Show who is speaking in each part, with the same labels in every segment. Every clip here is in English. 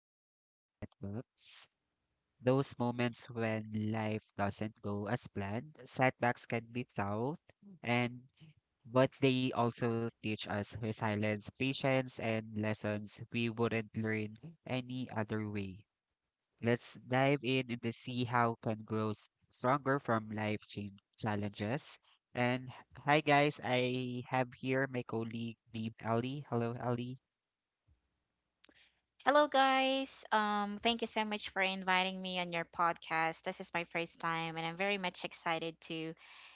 Speaker 1: talking about setbacks. Those moments when life doesn't go as planned. Setbacks can be tough and but they also teach us resilience, patience, and lessons we wouldn't learn any other way. Let's dive in and to see how can grow stronger from life change challenges. And Hi guys, I have here my colleague named Ellie. Hello, Ellie.
Speaker 2: Hello, guys. Thank you so much for inviting me on your podcast. This is my first time, and I'm very much excited to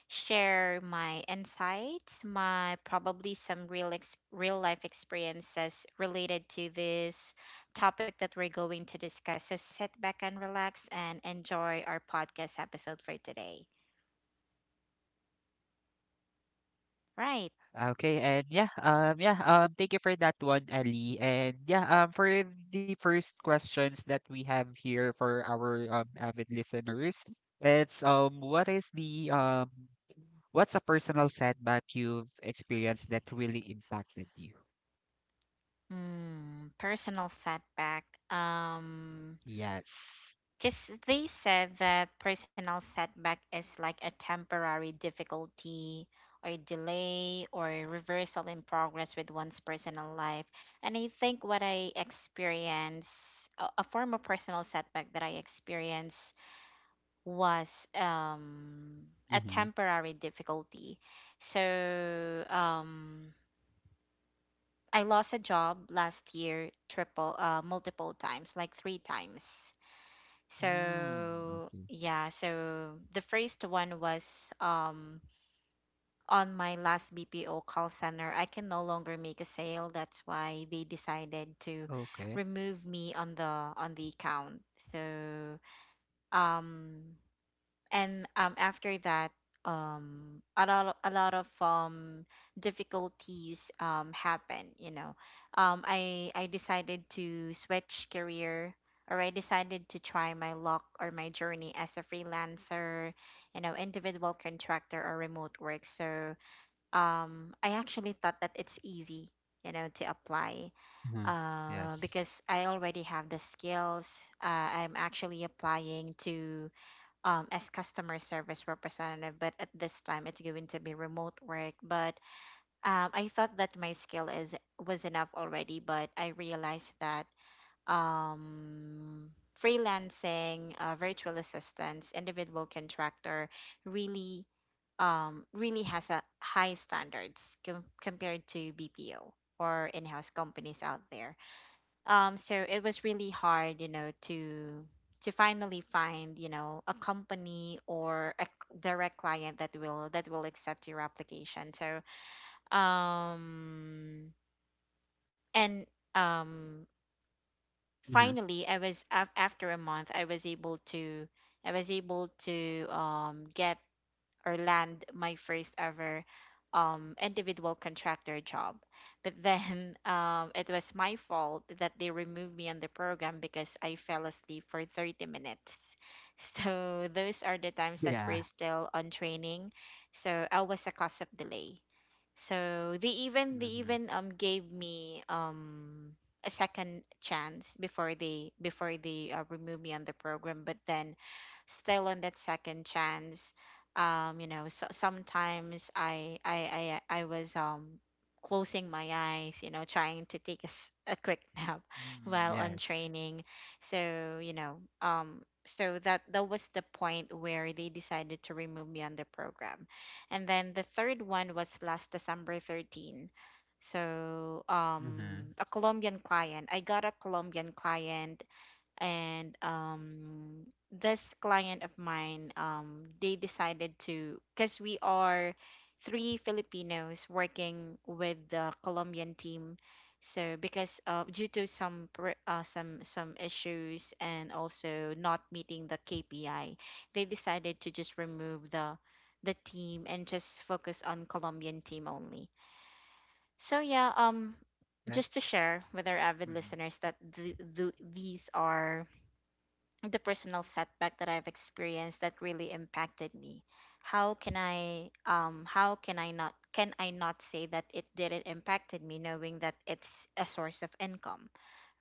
Speaker 2: share my insights, my probably some real life experiences related to this topic that we're going to discuss. So sit back and relax and enjoy our podcast episode for today. Right.
Speaker 1: Okay, and yeah, yeah, thank you for that one, Ali. And yeah, for the first questions that we have here for our avid listeners, it's what is the what's a personal setback you've experienced that really impacted you?
Speaker 2: Mm, personal setback. Um,
Speaker 1: Yes.
Speaker 2: Because they said that personal setback is like a temporary difficulty or delay or reversal in progress with one's personal life. And I think what I experienced, a form of personal setback that I experienced was a
Speaker 1: Mm-hmm.
Speaker 2: temporary difficulty. So I lost a job last year, multiple times, like three times.
Speaker 1: Mm,
Speaker 2: So
Speaker 1: okay.
Speaker 2: yeah, so the first one was on my last BPO call center. I can no longer make a sale. That's why they decided to
Speaker 1: Okay.
Speaker 2: remove me on the account. So um and after that a lot of, a lot of difficulties happen, you know. I decided to switch career, or I decided to try my luck or my journey as a freelancer, you know, individual contractor or remote work. So I actually thought that it's easy, you know, to apply,
Speaker 1: Hmm. Yes.
Speaker 2: because I already have the skills. I'm actually applying to, as customer service representative, but at this time it's going to be remote work. But I thought that my skill is was enough already, but I realized that um, freelancing, virtual assistants, individual contractor really, really has a high standards compared to BPO or in-house companies out there. So it was really hard, you know, to finally find, you know, a company or a direct client that will accept your application. So um and um
Speaker 1: Hmm.
Speaker 2: finally I was after a month I was able to, I was able to get or land my first ever individual contractor job. But then it was my fault that they removed me on the program because I fell asleep for 30 minutes. So those are the times that
Speaker 1: Yeah.
Speaker 2: we're still on training. So I was a cause of delay. So they even they
Speaker 1: Hmm.
Speaker 2: even um gave me a second chance before they removed me on the program. But then still on that second chance, you know, so sometimes I was closing my eyes, you know, trying to take a, a quick nap
Speaker 1: Hmm.
Speaker 2: while on
Speaker 1: Yes.
Speaker 2: training. So you know, so that was the point where they decided to remove me on the program. And then the third one was last December 13. So
Speaker 1: Hmm.
Speaker 2: a Colombian client, I got a Colombian client. And this client of mine, they decided to, because we are three Filipinos working with the Colombian team. So because due to some some issues and also not meeting the KPI, they decided to just remove the team and just focus on Colombian team only. So yeah,
Speaker 1: That.
Speaker 2: just to share with our avid
Speaker 1: Hmm.
Speaker 2: listeners that these are the personal setback that I've experienced that really impacted me. How can I, how can I not, can I not say that it didn't impacted me, knowing that it's a source of income,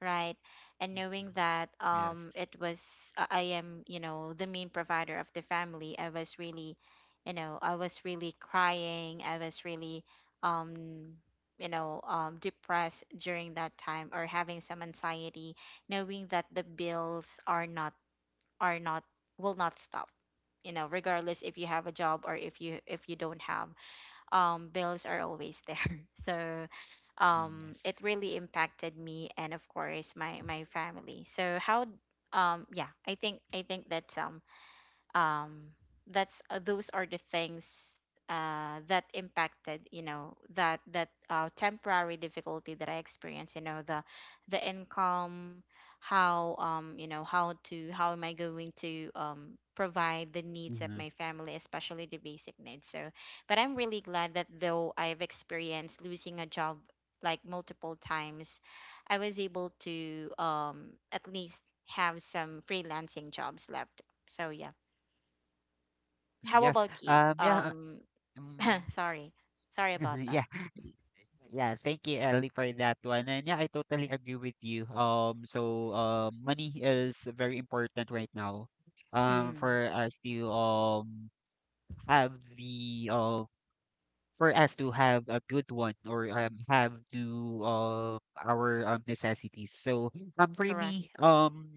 Speaker 2: right? And knowing
Speaker 1: Hmm.
Speaker 2: that
Speaker 1: Yes.
Speaker 2: it was, I am, you know, the main provider of the family. I was really, you know, I was really crying. I was really, um you know, depressed during that time or having some anxiety, knowing that the bills are not will not stop, you know, regardless if you have a job or if you, if you don't have, bills are always there. So it
Speaker 1: Yes.
Speaker 2: really impacted me, and of course my my family. So how, yeah, I think that um that's those are the things that impacted, you know, that temporary difficulty that I experienced, you know, the income, how, you know, how to, how am I going to provide the needs of
Speaker 1: Mhm.
Speaker 2: my family, especially the basic needs. So but I'm really glad that though I've experienced losing a job like multiple times, I was able to at least have some freelancing jobs left. So yeah, how
Speaker 1: Yes.
Speaker 2: about you?
Speaker 1: Yeah. Uh, um,
Speaker 2: Sorry, sorry about that.
Speaker 1: yeah. Yes. Thank you, Ellie, for that one. And yeah, I totally agree with you. So money is very important right now.
Speaker 2: Mm,
Speaker 1: For us to have the for us to have a good one or have to our necessities. So for
Speaker 2: correct.
Speaker 1: me,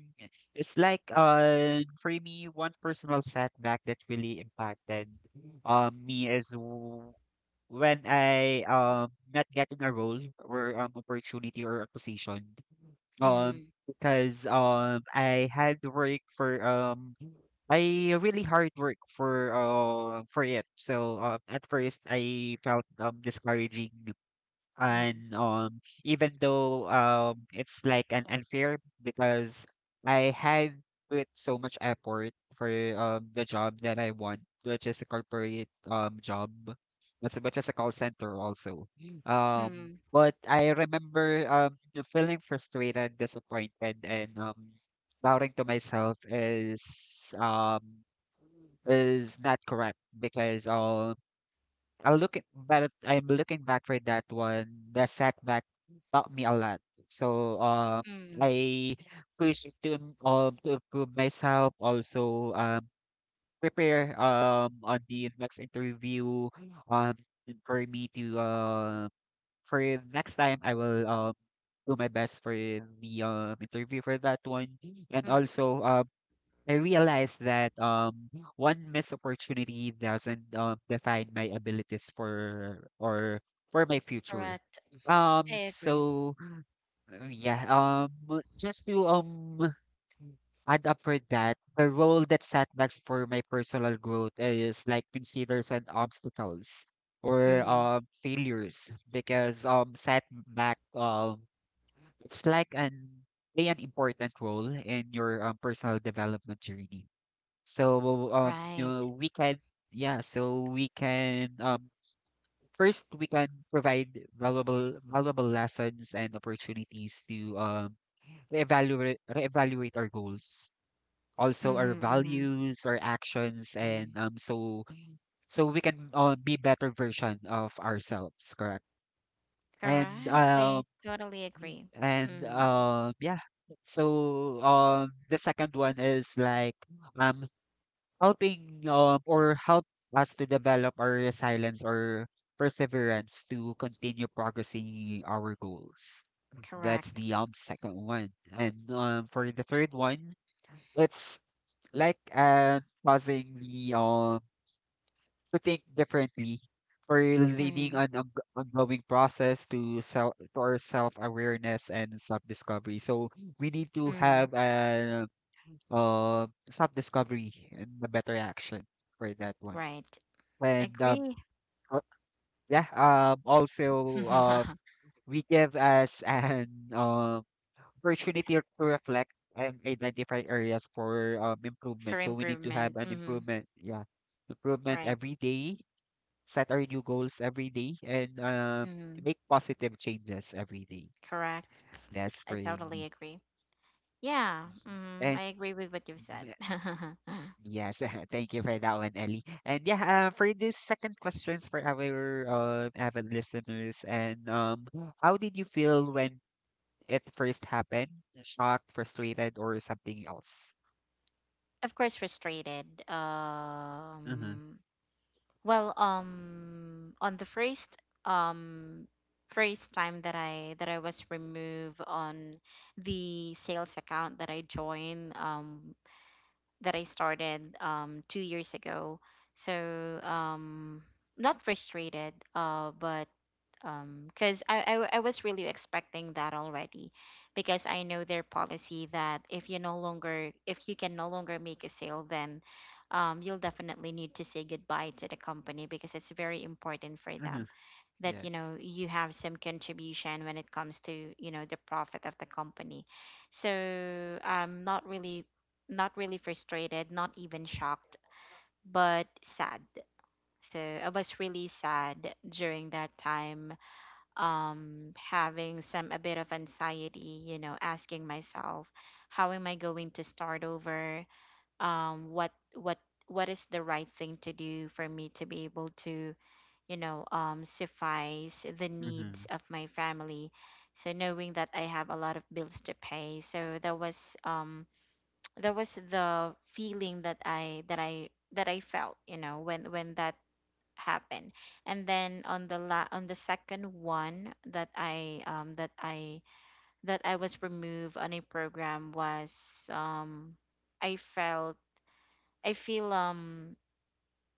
Speaker 1: it's like for me, one personal setback that really impacted me when I not getting a role or opportunity or a position. Um,
Speaker 2: Mm,
Speaker 1: because I had to work for I really hard work for it. So at first I felt discouraging
Speaker 2: mm,
Speaker 1: and even though it's like an unfair because I had put so much effort for the job that I want, which is a corporate job, not so much as a call center also. Um,
Speaker 2: mm,
Speaker 1: but I remember feeling frustrated, disappointed, and doubting to myself is not correct because but I'm looking back for that one. The setback taught me a lot. So
Speaker 2: mm,
Speaker 1: I to improve myself. Also prepare on the next interview um for me to for next time I will do my best for the interview for that one and
Speaker 2: mm,
Speaker 1: also I realized that one missed opportunity doesn't define my abilities for or for my future.
Speaker 2: correct. I agree.
Speaker 1: So yeah, just to add up for that, the role that setbacks for my personal growth is like considers and obstacles or
Speaker 2: Mm,
Speaker 1: failures because setback it's like an play an important role in your personal development journey so, you know,
Speaker 2: right.
Speaker 1: we can, yeah, so we can, first we can provide valuable lessons and opportunities to reevaluate our goals,
Speaker 2: Mm,
Speaker 1: also our
Speaker 2: mm,
Speaker 1: values, our actions,
Speaker 2: mm.
Speaker 1: and so so we can be better version of ourselves, correct? And
Speaker 2: Correct. I
Speaker 1: um
Speaker 2: totally agree.
Speaker 1: and
Speaker 2: Mm,
Speaker 1: yeah. So the second one is like um helping or help us to develop our resilience or perseverance to continue progressing our goals. That's
Speaker 2: correct.
Speaker 1: the second one. And for the third one, it's like causing the to think differently for leading
Speaker 2: Mm,
Speaker 1: an on ongoing process to self to our self awareness and self discovery. So we need to
Speaker 2: mm,
Speaker 1: have a self discovery and a better action for that one
Speaker 2: right.
Speaker 1: and
Speaker 2: Agree.
Speaker 1: uh, yeah, also we give us an opportunity to reflect and identify areas for
Speaker 2: For
Speaker 1: improvement. So we need to have
Speaker 2: improvement.
Speaker 1: an
Speaker 2: Mm,
Speaker 1: improvement, yeah, improvement
Speaker 2: right.
Speaker 1: every day. Set our new goals every day and
Speaker 2: Mm,
Speaker 1: make positive changes every day.
Speaker 2: correct.
Speaker 1: That's
Speaker 2: I
Speaker 1: for
Speaker 2: totally
Speaker 1: me.
Speaker 2: agree. Yeah,
Speaker 1: Mhm.
Speaker 2: mm,
Speaker 1: And
Speaker 2: I agree with what you've
Speaker 1: mm-hmm,
Speaker 2: said.
Speaker 1: yes, thank you for that one, Ellie. And yeah, for this second questions for our avid listeners, and how did you feel when it first happened? Shocked, frustrated, or something else?
Speaker 2: Of course frustrated.
Speaker 1: Mm-hmm.
Speaker 2: Well, on the um first time that I was removed on the sales account that I joined, that I started 2 years ago. So not frustrated, but because I was really expecting that already, because I know their policy that if you no longer, if you can no longer make a sale, then you'll definitely need to say goodbye to the company, because it's very important for
Speaker 1: Mm-hmm.
Speaker 2: them that, you
Speaker 1: Yes.
Speaker 2: know, you have some contribution when it comes to, you know, the profit of the company. So I'm not really, not really frustrated, not even shocked, but sad. So I was really sad during that time, having some a bit of anxiety, you know, asking myself, how am I going to start over? What what is the right thing to do for me to be able to, you know, suffice the needs
Speaker 1: Mm-hmm.
Speaker 2: of my family? So knowing that I have a lot of bills to pay, so that was the feeling that I felt, you know, when that happen. And then on the second one that I that I that I was removed on a program was I felt, I feel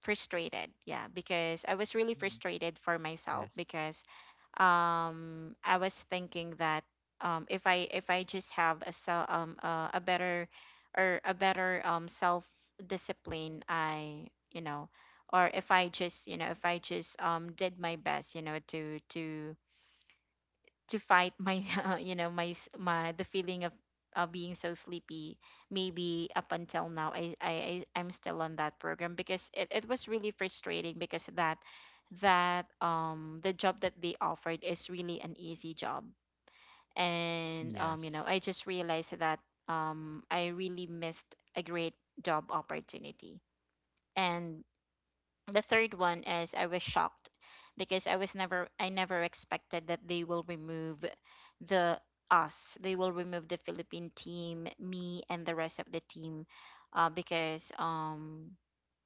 Speaker 2: frustrated, yeah, because I was really frustrated for myself,
Speaker 1: Yes.
Speaker 2: because I was thinking that if I, if I just have a so a better or a better self discipline, I, you know, or if I just, you know, if I just did my best, you know, to fight my you know, my my the feeling of being so sleepy, maybe up until now I'm still on that program, because it was really frustrating, because that that the job that they offered is really an easy job. And you know,
Speaker 1: Yes.
Speaker 2: I just realized that I really missed a great job opportunity. And the third one is I was shocked, because I was never, I never expected that they will remove the us. They will remove the Philippine team, me and the rest of the team, because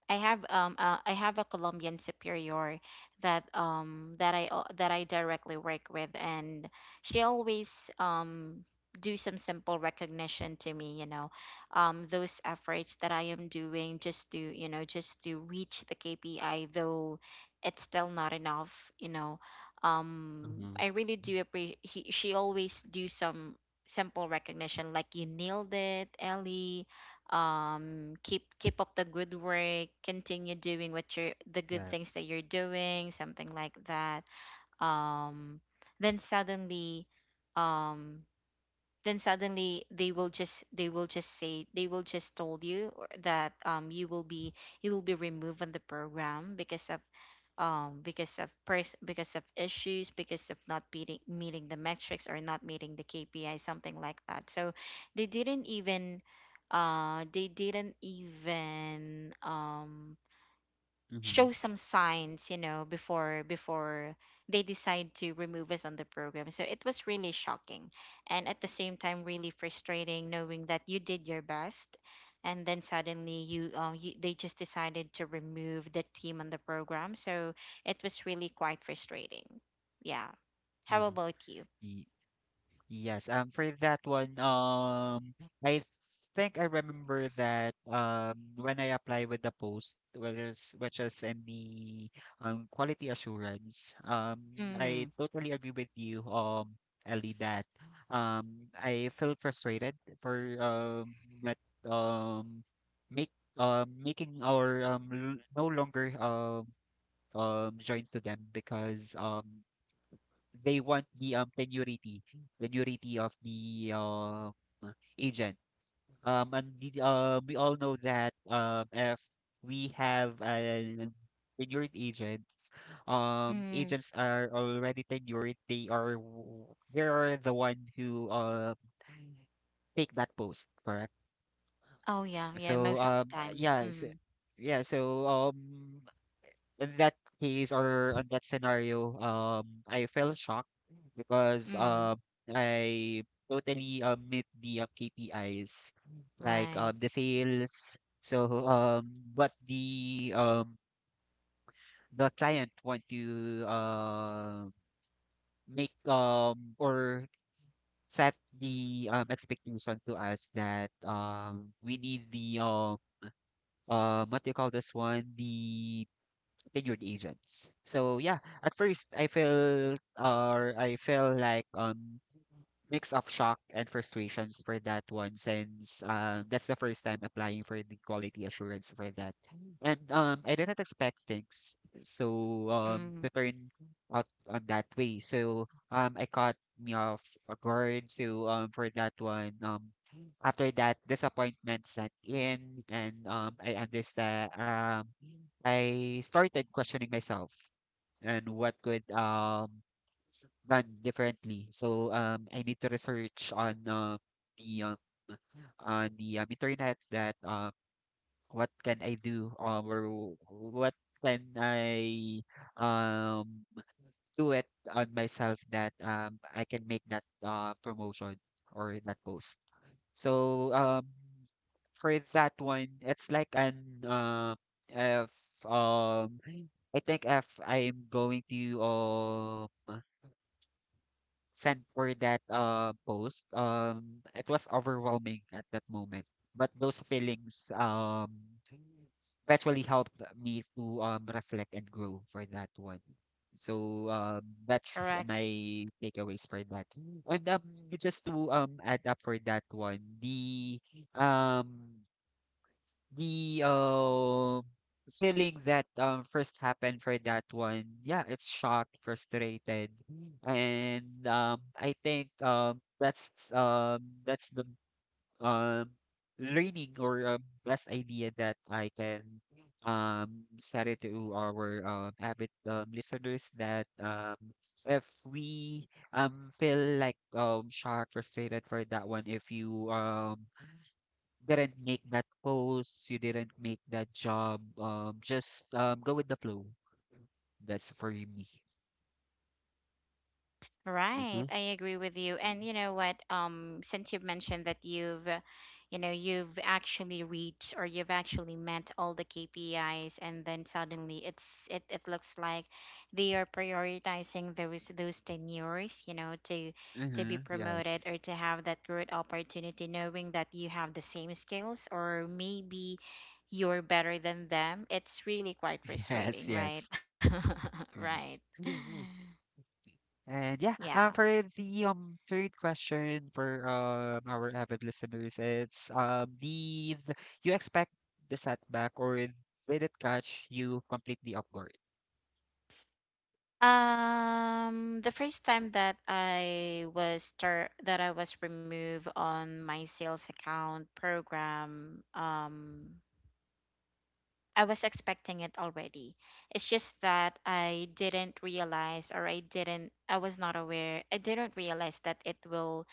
Speaker 2: I have a Colombian superior that that I al- that I directly work with, and she always do some simple recognition to me, you know, those efforts that I am doing just to, you know, just to reach the KPI, though it's still not enough, you know.
Speaker 1: Mm-hmm.
Speaker 2: I really do appreciate. She always do some simple recognition, like, "You nailed it, Ellie. Keep keep up the good work, continue doing what you're the good things that
Speaker 1: Yes.
Speaker 2: you're doing," something like that. Um then suddenly um then suddenly they will just, they will just say they will just told you that you will be, you will be removed from the program because of because of because of issues, because of not meeting the metrics or not meeting the KPI, something like that. So they didn't even, they didn't even
Speaker 1: Mm-hmm.
Speaker 2: show some signs, you know, before before they decide to remove us on the program. So it was really shocking, and at the same time really frustrating, knowing that you did your best, and then suddenly you, you they just decided to remove the team on the program. So it was really quite frustrating. Yeah. How about you?
Speaker 1: Mm-hmm. Yes, for that one, I think I remember that when I apply with the post, which is in the quality assurance,
Speaker 2: Mm.
Speaker 1: I totally agree with you, Ellie, that I feel frustrated for that um, make making our no longer join to them because they want the tenurity, tenurity of the agent. And the, we all know that if we have an tenured agent,
Speaker 2: Mm.
Speaker 1: agents are already tenured. They are the one who take that post, correct?
Speaker 2: Oh yeah, yeah,
Speaker 1: So
Speaker 2: most of the time.
Speaker 1: yeah, so,
Speaker 2: Mm.
Speaker 1: yeah. So in that case or on that scenario, I felt shocked because
Speaker 2: Mm.
Speaker 1: I totally met the KPIs, like
Speaker 2: Right.
Speaker 1: the sales. So what the client want to make or set the expectation to us that we need the what do you call this one the figured agents. So yeah, at first I felt or I felt like mix of shock and frustrations for that one since that's the first time applying for the quality assurance for that. And I didn't expect things so
Speaker 2: Mm.
Speaker 1: to turn out on that way. So I caught me off guard. So for that one after that disappointment set in and I understand I started questioning myself and what could done differently. So I need to research on the on the internet that what can I do or what can I um, do it on myself that I can make that promotion or that post. So for that one, it's like an uh, if um, I think if I'm going to sent for that post, it was overwhelming at that moment. But those feelings eventually helped me to reflect and grow for that one. So
Speaker 2: Correct.
Speaker 1: that's my takeaways for that. And just to add up for that one, um the feeling that first happened for that one, yeah, it's shocked, frustrated, and I think that's the um learning or best idea that I can set it to our avid listeners that if we feel like shocked, frustrated for that one, if you didn't make that post, you didn't make that job. Just go with the flow. That's for me.
Speaker 2: Right,
Speaker 1: Mm-hmm.
Speaker 2: I agree with you. And you know what? Since you've mentioned that you've, you know, you've actually reached or you've actually met all the KPIs, and then suddenly it's it, it looks like they are prioritizing those tenures, you know, to be
Speaker 1: Mm-hmm.
Speaker 2: promoted
Speaker 1: Yes.
Speaker 2: or to have that good opportunity, knowing that you have the same skills or maybe you're better than them. It's really quite
Speaker 1: Yes.
Speaker 2: frustrating, right?
Speaker 1: Yes.
Speaker 2: Right.
Speaker 1: Yes. Mhm. And yeah,
Speaker 2: Yeah.
Speaker 1: for the third question for our avid listeners, it's did you expect the setback or did it catch you completely off guard?
Speaker 2: The first time that I was start that I was removed on my sales account program, I was expecting it already. It's just that I didn't realize or I was not aware. I didn't realize that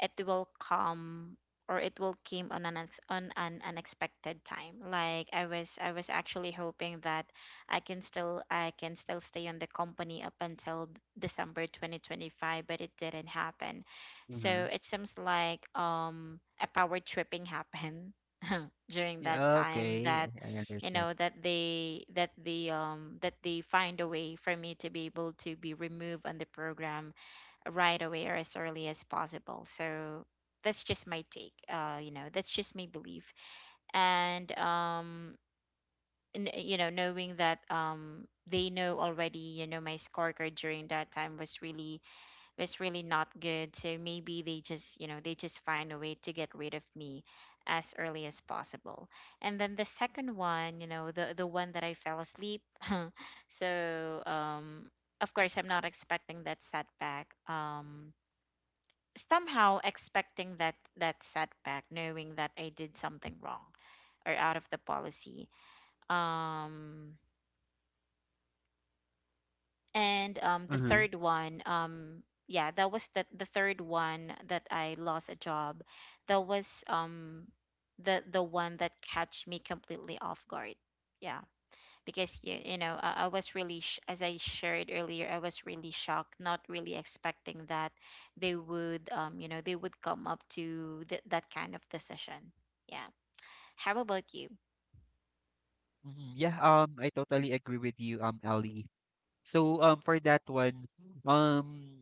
Speaker 2: it will come or it will came on on an unexpected time. Like I was actually hoping that I can still stay on the company up until December 2025, but it didn't happen.
Speaker 1: Mm-hmm.
Speaker 2: So it seems like a power tripping happened during that
Speaker 1: Yeah.
Speaker 2: time
Speaker 1: Okay,
Speaker 2: that
Speaker 1: I
Speaker 2: you
Speaker 1: understand.
Speaker 2: know that they find a way for me to be able to be removed on the program right away or as early as possible, so that's just my take, you know, that's just my belief. And you know, knowing that they know already, you know, my scorecard during that time was really not good. So maybe they just, you know, they just find a way to get rid of me as early as possible. And then the second one, you know, the one that I fell asleep. So um of course I'm not expecting that setback. Somehow expecting that setback, knowing that I did something wrong or out of the policy. Um and The third one, yeah, that was the third one that I lost a job. That was the one that catch me completely off guard, yeah, because you know, I was really as I shared earlier, I was really shocked, not really expecting that they would, you know, they would come up to that kind of decision. Yeah. How about you?
Speaker 1: Mhm. Yeah, I totally agree with you, Ali. So, for that one, um,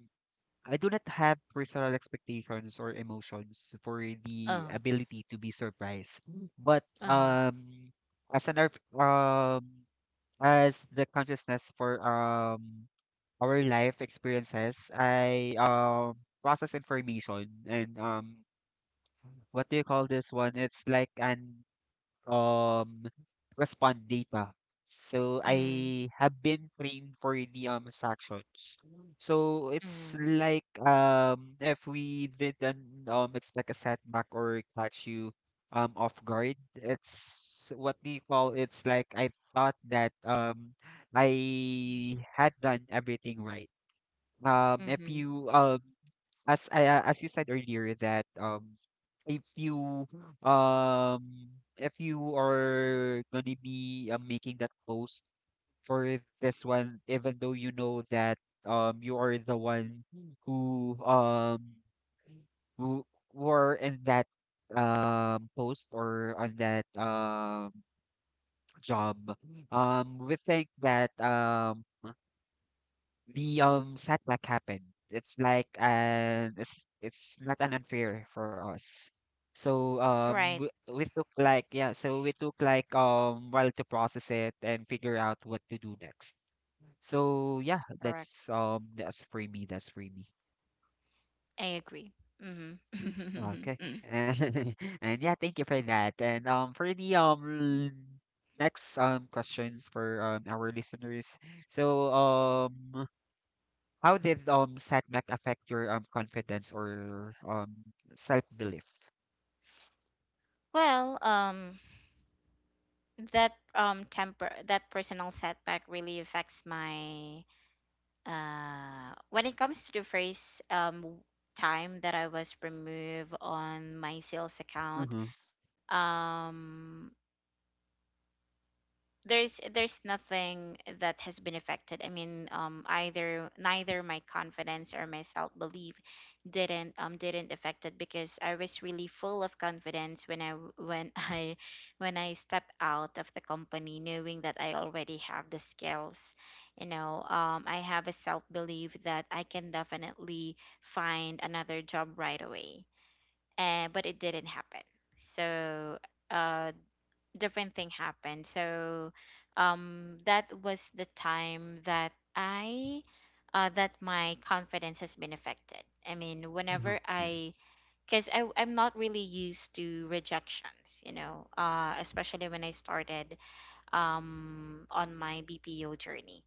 Speaker 1: I do not have personal expectations or emotions for
Speaker 2: Oh.
Speaker 1: the ability to be surprised. But
Speaker 2: Uh-huh.
Speaker 1: as an as the consciousness for our life experiences, I process information and what do you call this one? It's like an um respond data. So
Speaker 2: mm
Speaker 1: I have been trained for the sections. So
Speaker 2: mm
Speaker 1: it's
Speaker 2: mm
Speaker 1: like if we didn't expect a setback or catch you off guard, it's what do you call it's like I thought that I had done everything right. If
Speaker 2: mhm.
Speaker 1: you as I as you said earlier that if you um if you are gonna be making that post for this one, even though you know that you are the one who um who were in that post or on that job we think that the setback happened. It's like it's not an unfair for us. So
Speaker 2: Right.
Speaker 1: we took like yeah, so we took like while to process it and figure out what to do next. So yeah,
Speaker 2: Correct.
Speaker 1: that's for me, that's for me.
Speaker 2: I agree. hmm
Speaker 1: Okay. And yeah, thank you for that. And for the next questions for our listeners. So how did setback affect your confidence or self-belief?
Speaker 2: well, that temper that personal setback really affects my, when it comes to the first time that I was removed on my sales account.
Speaker 1: Mm-hmm.
Speaker 2: Um, there's nothing that has been affected. I mean, either neither my confidence or my self belief didn't affect it, because I was really full of confidence when when I, when I step out of the company, knowing that I already have the skills. You know, I have a self belief that I can definitely find another job right away. And but it didn't happen. So. Uh, Different thing happened. So that was the time that I that my confidence has been affected. I mean,
Speaker 1: Mm-hmm.
Speaker 2: whenever I,
Speaker 1: Yes.
Speaker 2: cuz I'm not really used to rejections, you know, especially when I started on my BPO journey.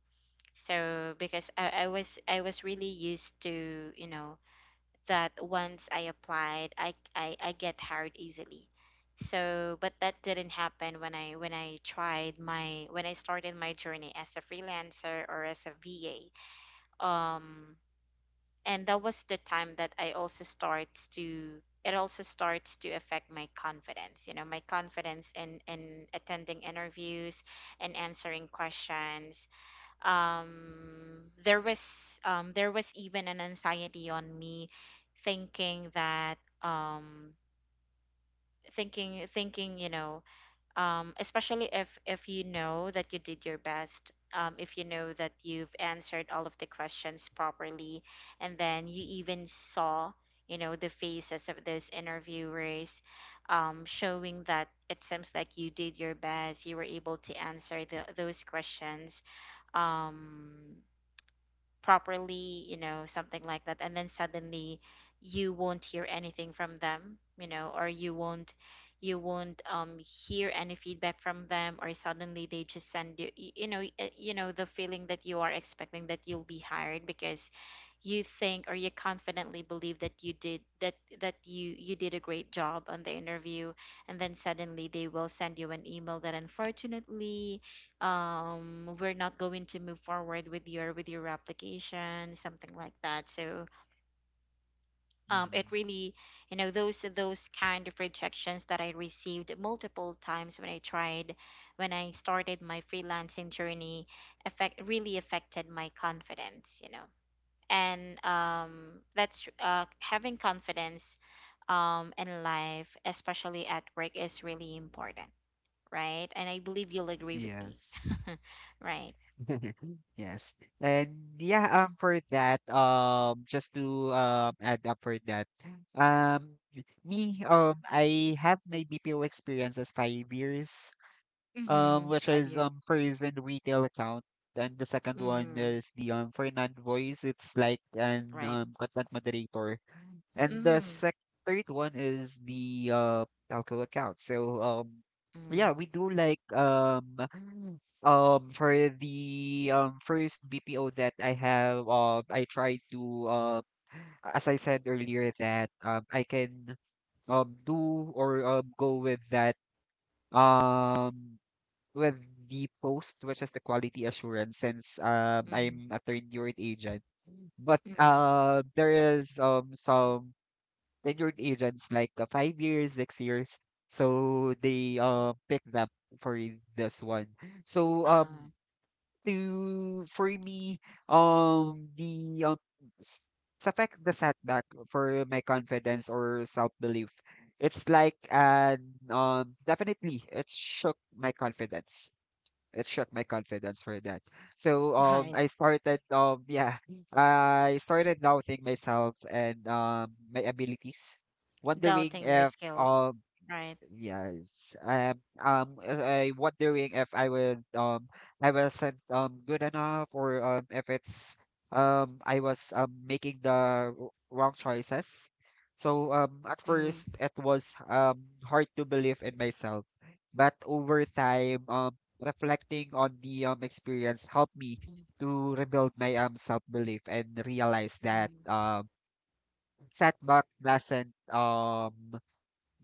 Speaker 2: So because I was really used to, you know, that once I applied, I I get hired easily. So, but that didn't happen when I tried my, when I started my journey as a freelancer or as a VA. Um, and that was the time that I also starts to, it also starts to affect my confidence, you know, my confidence in attending interviews and answering questions. um there was even an anxiety on me, thinking that thinking thinking you know, especially if you know that you did your best, if you know that you've answered all of the questions properly and then you even saw, you know, the faces of those interviewers, showing that it seems like you did your best, you were able to answer the, those questions um properly, you know, something like that. And then suddenly you won't hear anything from them, you know, or you won't, you won't hear any feedback from them, or suddenly they just send you you know you know, the feeling that you are expecting that you'll be hired, because you think or you confidently believe that you did that, that you did a great job on the interview, and then suddenly they will send you an email that unfortunately we're not going to move forward with your, with your application, something like that. So it
Speaker 1: Hmm.
Speaker 2: really, you know, those kind of rejections that I received multiple times when I tried, when I started my freelancing journey affect, really affected my confidence, you know. And that's, having confidence in life, especially at work, is really important, right? And I believe you'll agree with me.
Speaker 1: Yes.
Speaker 2: Right.
Speaker 1: Yes. And yeah, for that, just to add up for that. Um me, I have my BPO experience as 5 years,
Speaker 2: Mhm.
Speaker 1: which
Speaker 2: 5
Speaker 1: is
Speaker 2: years.
Speaker 1: first in retail account. And the second one
Speaker 2: Mhm.
Speaker 1: is the Fernand Voice. It's like an
Speaker 2: Right.
Speaker 1: content moderator. And the
Speaker 2: Mhm.
Speaker 1: sec third one is the telco account. So yeah,
Speaker 2: Mhm.
Speaker 1: we do like for the first BPO that I have I try to uh as I said earlier that I can do or go with that um with the post which is the quality assurance since
Speaker 2: Mhm.
Speaker 1: I'm a third year agent but
Speaker 2: Mhm.
Speaker 1: there is some tenured agents like 5 years, 6 years. So they pick them for this one. So
Speaker 2: Ah,
Speaker 1: um to for me the s- sa fact the setback for my confidence or self belief. It's like an definitely it shook my confidence. It shook my confidence for that. So um
Speaker 2: right.
Speaker 1: I started I started doubting myself and my abilities, wondering
Speaker 2: Doubting your
Speaker 1: if
Speaker 2: skills,
Speaker 1: um
Speaker 2: right?
Speaker 1: Yes. Um, um, uh, I wondering if I would I wasn't good enough or if it's I was making the wrong choices. So at
Speaker 2: Mm.
Speaker 1: first it was hard to believe in myself, but over time reflecting on the experience helped me to rebuild my self-belief and realize that
Speaker 2: Mm.
Speaker 1: um setback doesn't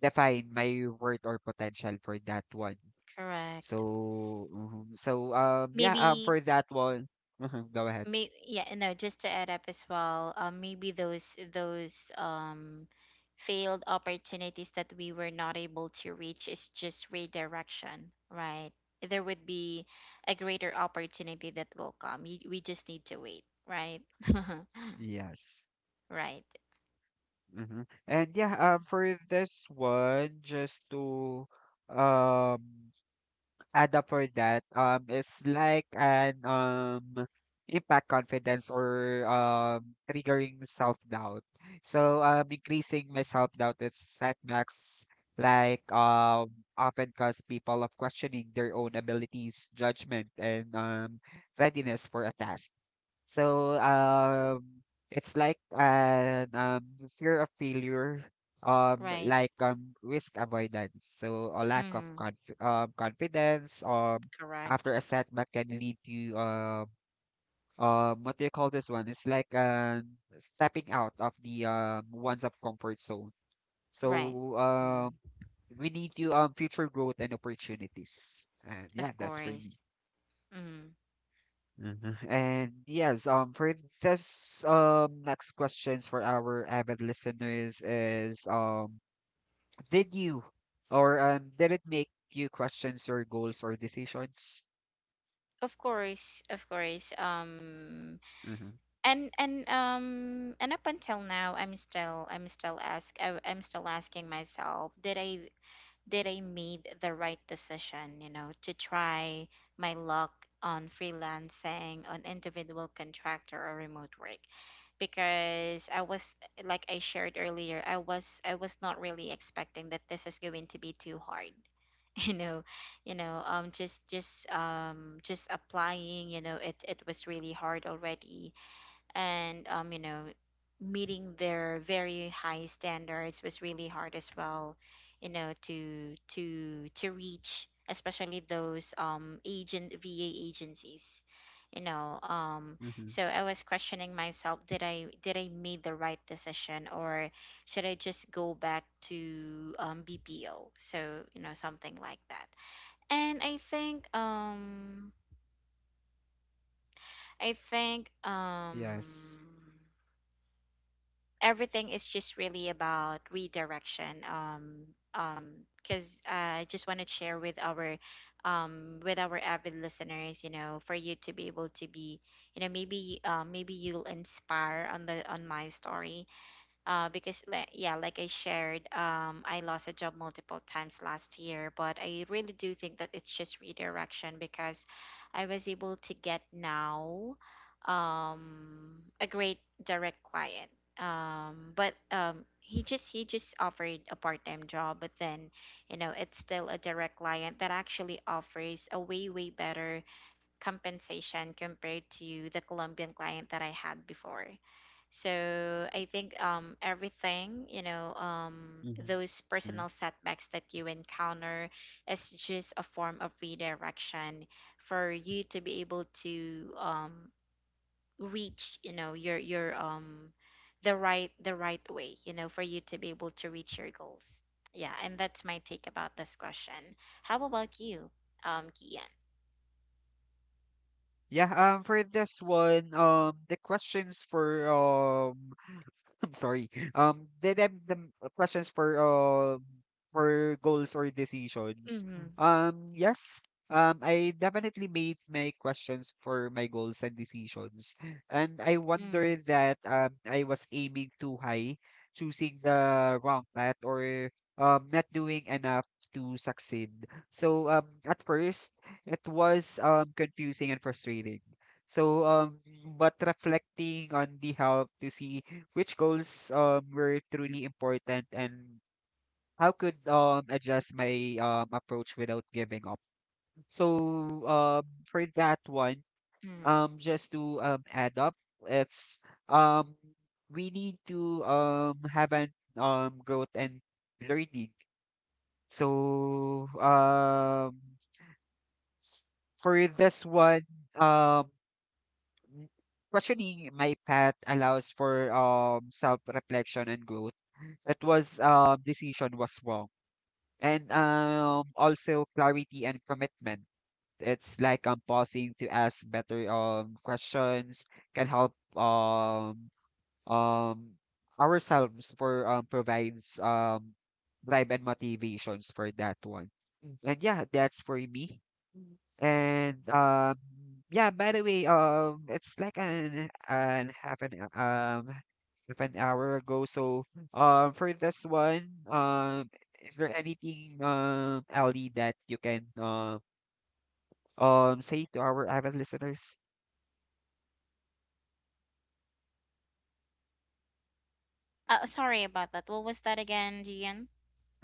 Speaker 1: define my worth or potential for that one.
Speaker 2: Correct.
Speaker 1: So, mhm. So,
Speaker 2: Maybe
Speaker 1: for that one, mhm, go ahead.
Speaker 2: may Yeah, no, just to add up as well, maybe those failed opportunities that we were not able to reach is just redirection, right? There would be a greater opportunity that will come. You, we just need to wait, right?
Speaker 1: Yes.
Speaker 2: Right.
Speaker 1: And yeah, for this one, just to um add up for that, is like an impact confidence or triggering self-doubt. So increasing my self-doubt is setbacks like often cause people of questioning their own abilities, judgment, and readiness for a task. So it's like an fear of failure
Speaker 2: Right.
Speaker 1: like risk avoidance, so a lack of
Speaker 2: Mm,
Speaker 1: confidence after
Speaker 2: correct.
Speaker 1: a setback can lead to, what do you call this one, it's like stepping out of the one's of comfort zone,
Speaker 2: Right.
Speaker 1: so
Speaker 2: Mm,
Speaker 1: we need to future growth and opportunities. And
Speaker 2: of
Speaker 1: yeah, that's for
Speaker 2: course.
Speaker 1: me.
Speaker 2: Mm,
Speaker 1: Mhm. And yes, for this next questions for our avid listeners is did you or did it make you questions your goals or decisions?
Speaker 2: of course.
Speaker 1: Mhm.
Speaker 2: And and up until now, I'm still, I'm still ask I, I'm still asking myself, did I, did I made the right decision? You know, to try my luck on freelancing, on individual contractor or remote work, because I was, like I shared earlier, I was not really expecting that this is going to be too hard. You know, you know, just applying, you know, it was really hard already. And you know, meeting their very high standards was really hard as well, you know, to reach, especially those agent va agencies, you know.
Speaker 1: Mhm.
Speaker 2: So I was questioning myself, did I, did I make the right decision, or should I just go back to BPO? So you know, something like that. And I think I think um
Speaker 1: Yes.
Speaker 2: everything is just really about redirection. Um because I just want to share with our avid listeners, you know, for you to be able to be, you know, maybe, maybe you'll inspire on the, on my story, because like yeah, like I shared, I lost a job multiple times last year, but I really do think that it's just redirection, because I was able to get now a great direct client. But he just, he just offered a part-time job, but then you know it's still a direct client that actually offers a way, way better compensation compared to the Colombian client that I had before. So I think everything, you know,
Speaker 1: Mhm.
Speaker 2: those personal setbacks that you encounter is just a form of redirection for you to be able to, reach, you know, your the right, the right way, you know, for you to be able to reach your goals. Yeah, and that's my take about this question. How about you, Kian?
Speaker 1: Yeah, for this one, the questions for I'm sorry. The questions for goals or decisions.
Speaker 2: Mm-hmm.
Speaker 1: Yes. I definitely made my questions for my goals and decisions, and I
Speaker 2: Mm-hmm.
Speaker 1: wonder that I was aiming too high, choosing the wrong path, or not doing enough to succeed. So at first it was confusing and frustrating, so, um, but reflecting on the help to see which goals were truly important and how could adjust my approach without giving up. So, for that one, just to add up, it's um we need to have an growth and learning. So, s- for this one, um. Mm, questioning my path allows for self-reflection and growth. It was decision was wrong. And also clarity and commitment. It's like I'm pausing to ask better questions can help um ourselves for provides drive and motivations for that one. Mm. And yeah, that's for me. And yeah, by the way, it's like an half an hou- half an hour ago. So, for this one, is there anything, Ali, that you can say to our avid listeners?
Speaker 2: Sorry about that. What was that again, Gian?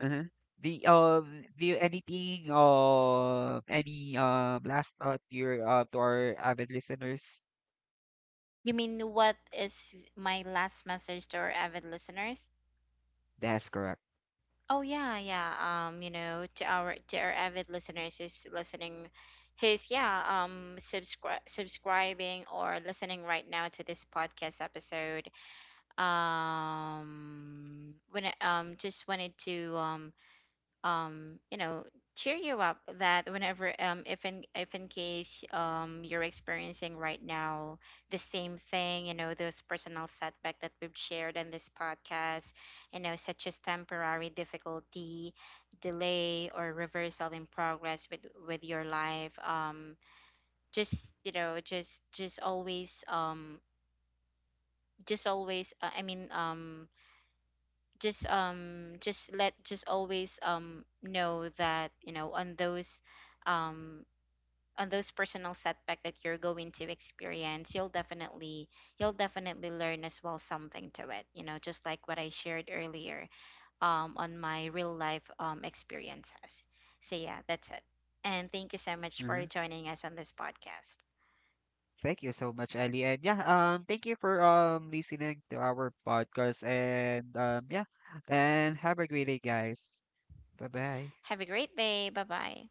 Speaker 1: Uh-huh. The do you anything any last thought to your to our avid listeners?
Speaker 2: You mean what is my last message to our avid listeners?
Speaker 1: That's correct.
Speaker 2: Oh yeah, yeah. You know, to our, to our avid listeners who's listening, who's yeah, subscribe, subscribing or listening right now to this podcast episode. Just wanted to you know, cheer you up that whenever if in, if in case you're experiencing right now the same thing, you know, those personal setback that we've shared in this podcast, you know, such as temporary difficulty, delay or reversal in progress with your life. Just, you know, just always just always, I mean, just let, just always know that, you know, um on those personal setback that you're going to experience, you'll definitely, you'll definitely learn as well something to it, you know, just like what I shared earlier on my real life experiences. So yeah, that's it, and thank you so much for
Speaker 1: Mm-hmm.
Speaker 2: joining us on this podcast.
Speaker 1: Thank you so much, Ellie. And yeah, thank you for listening to our podcast. And yeah, and have a great day, guys. Bye bye.
Speaker 2: Have a great day. Bye bye.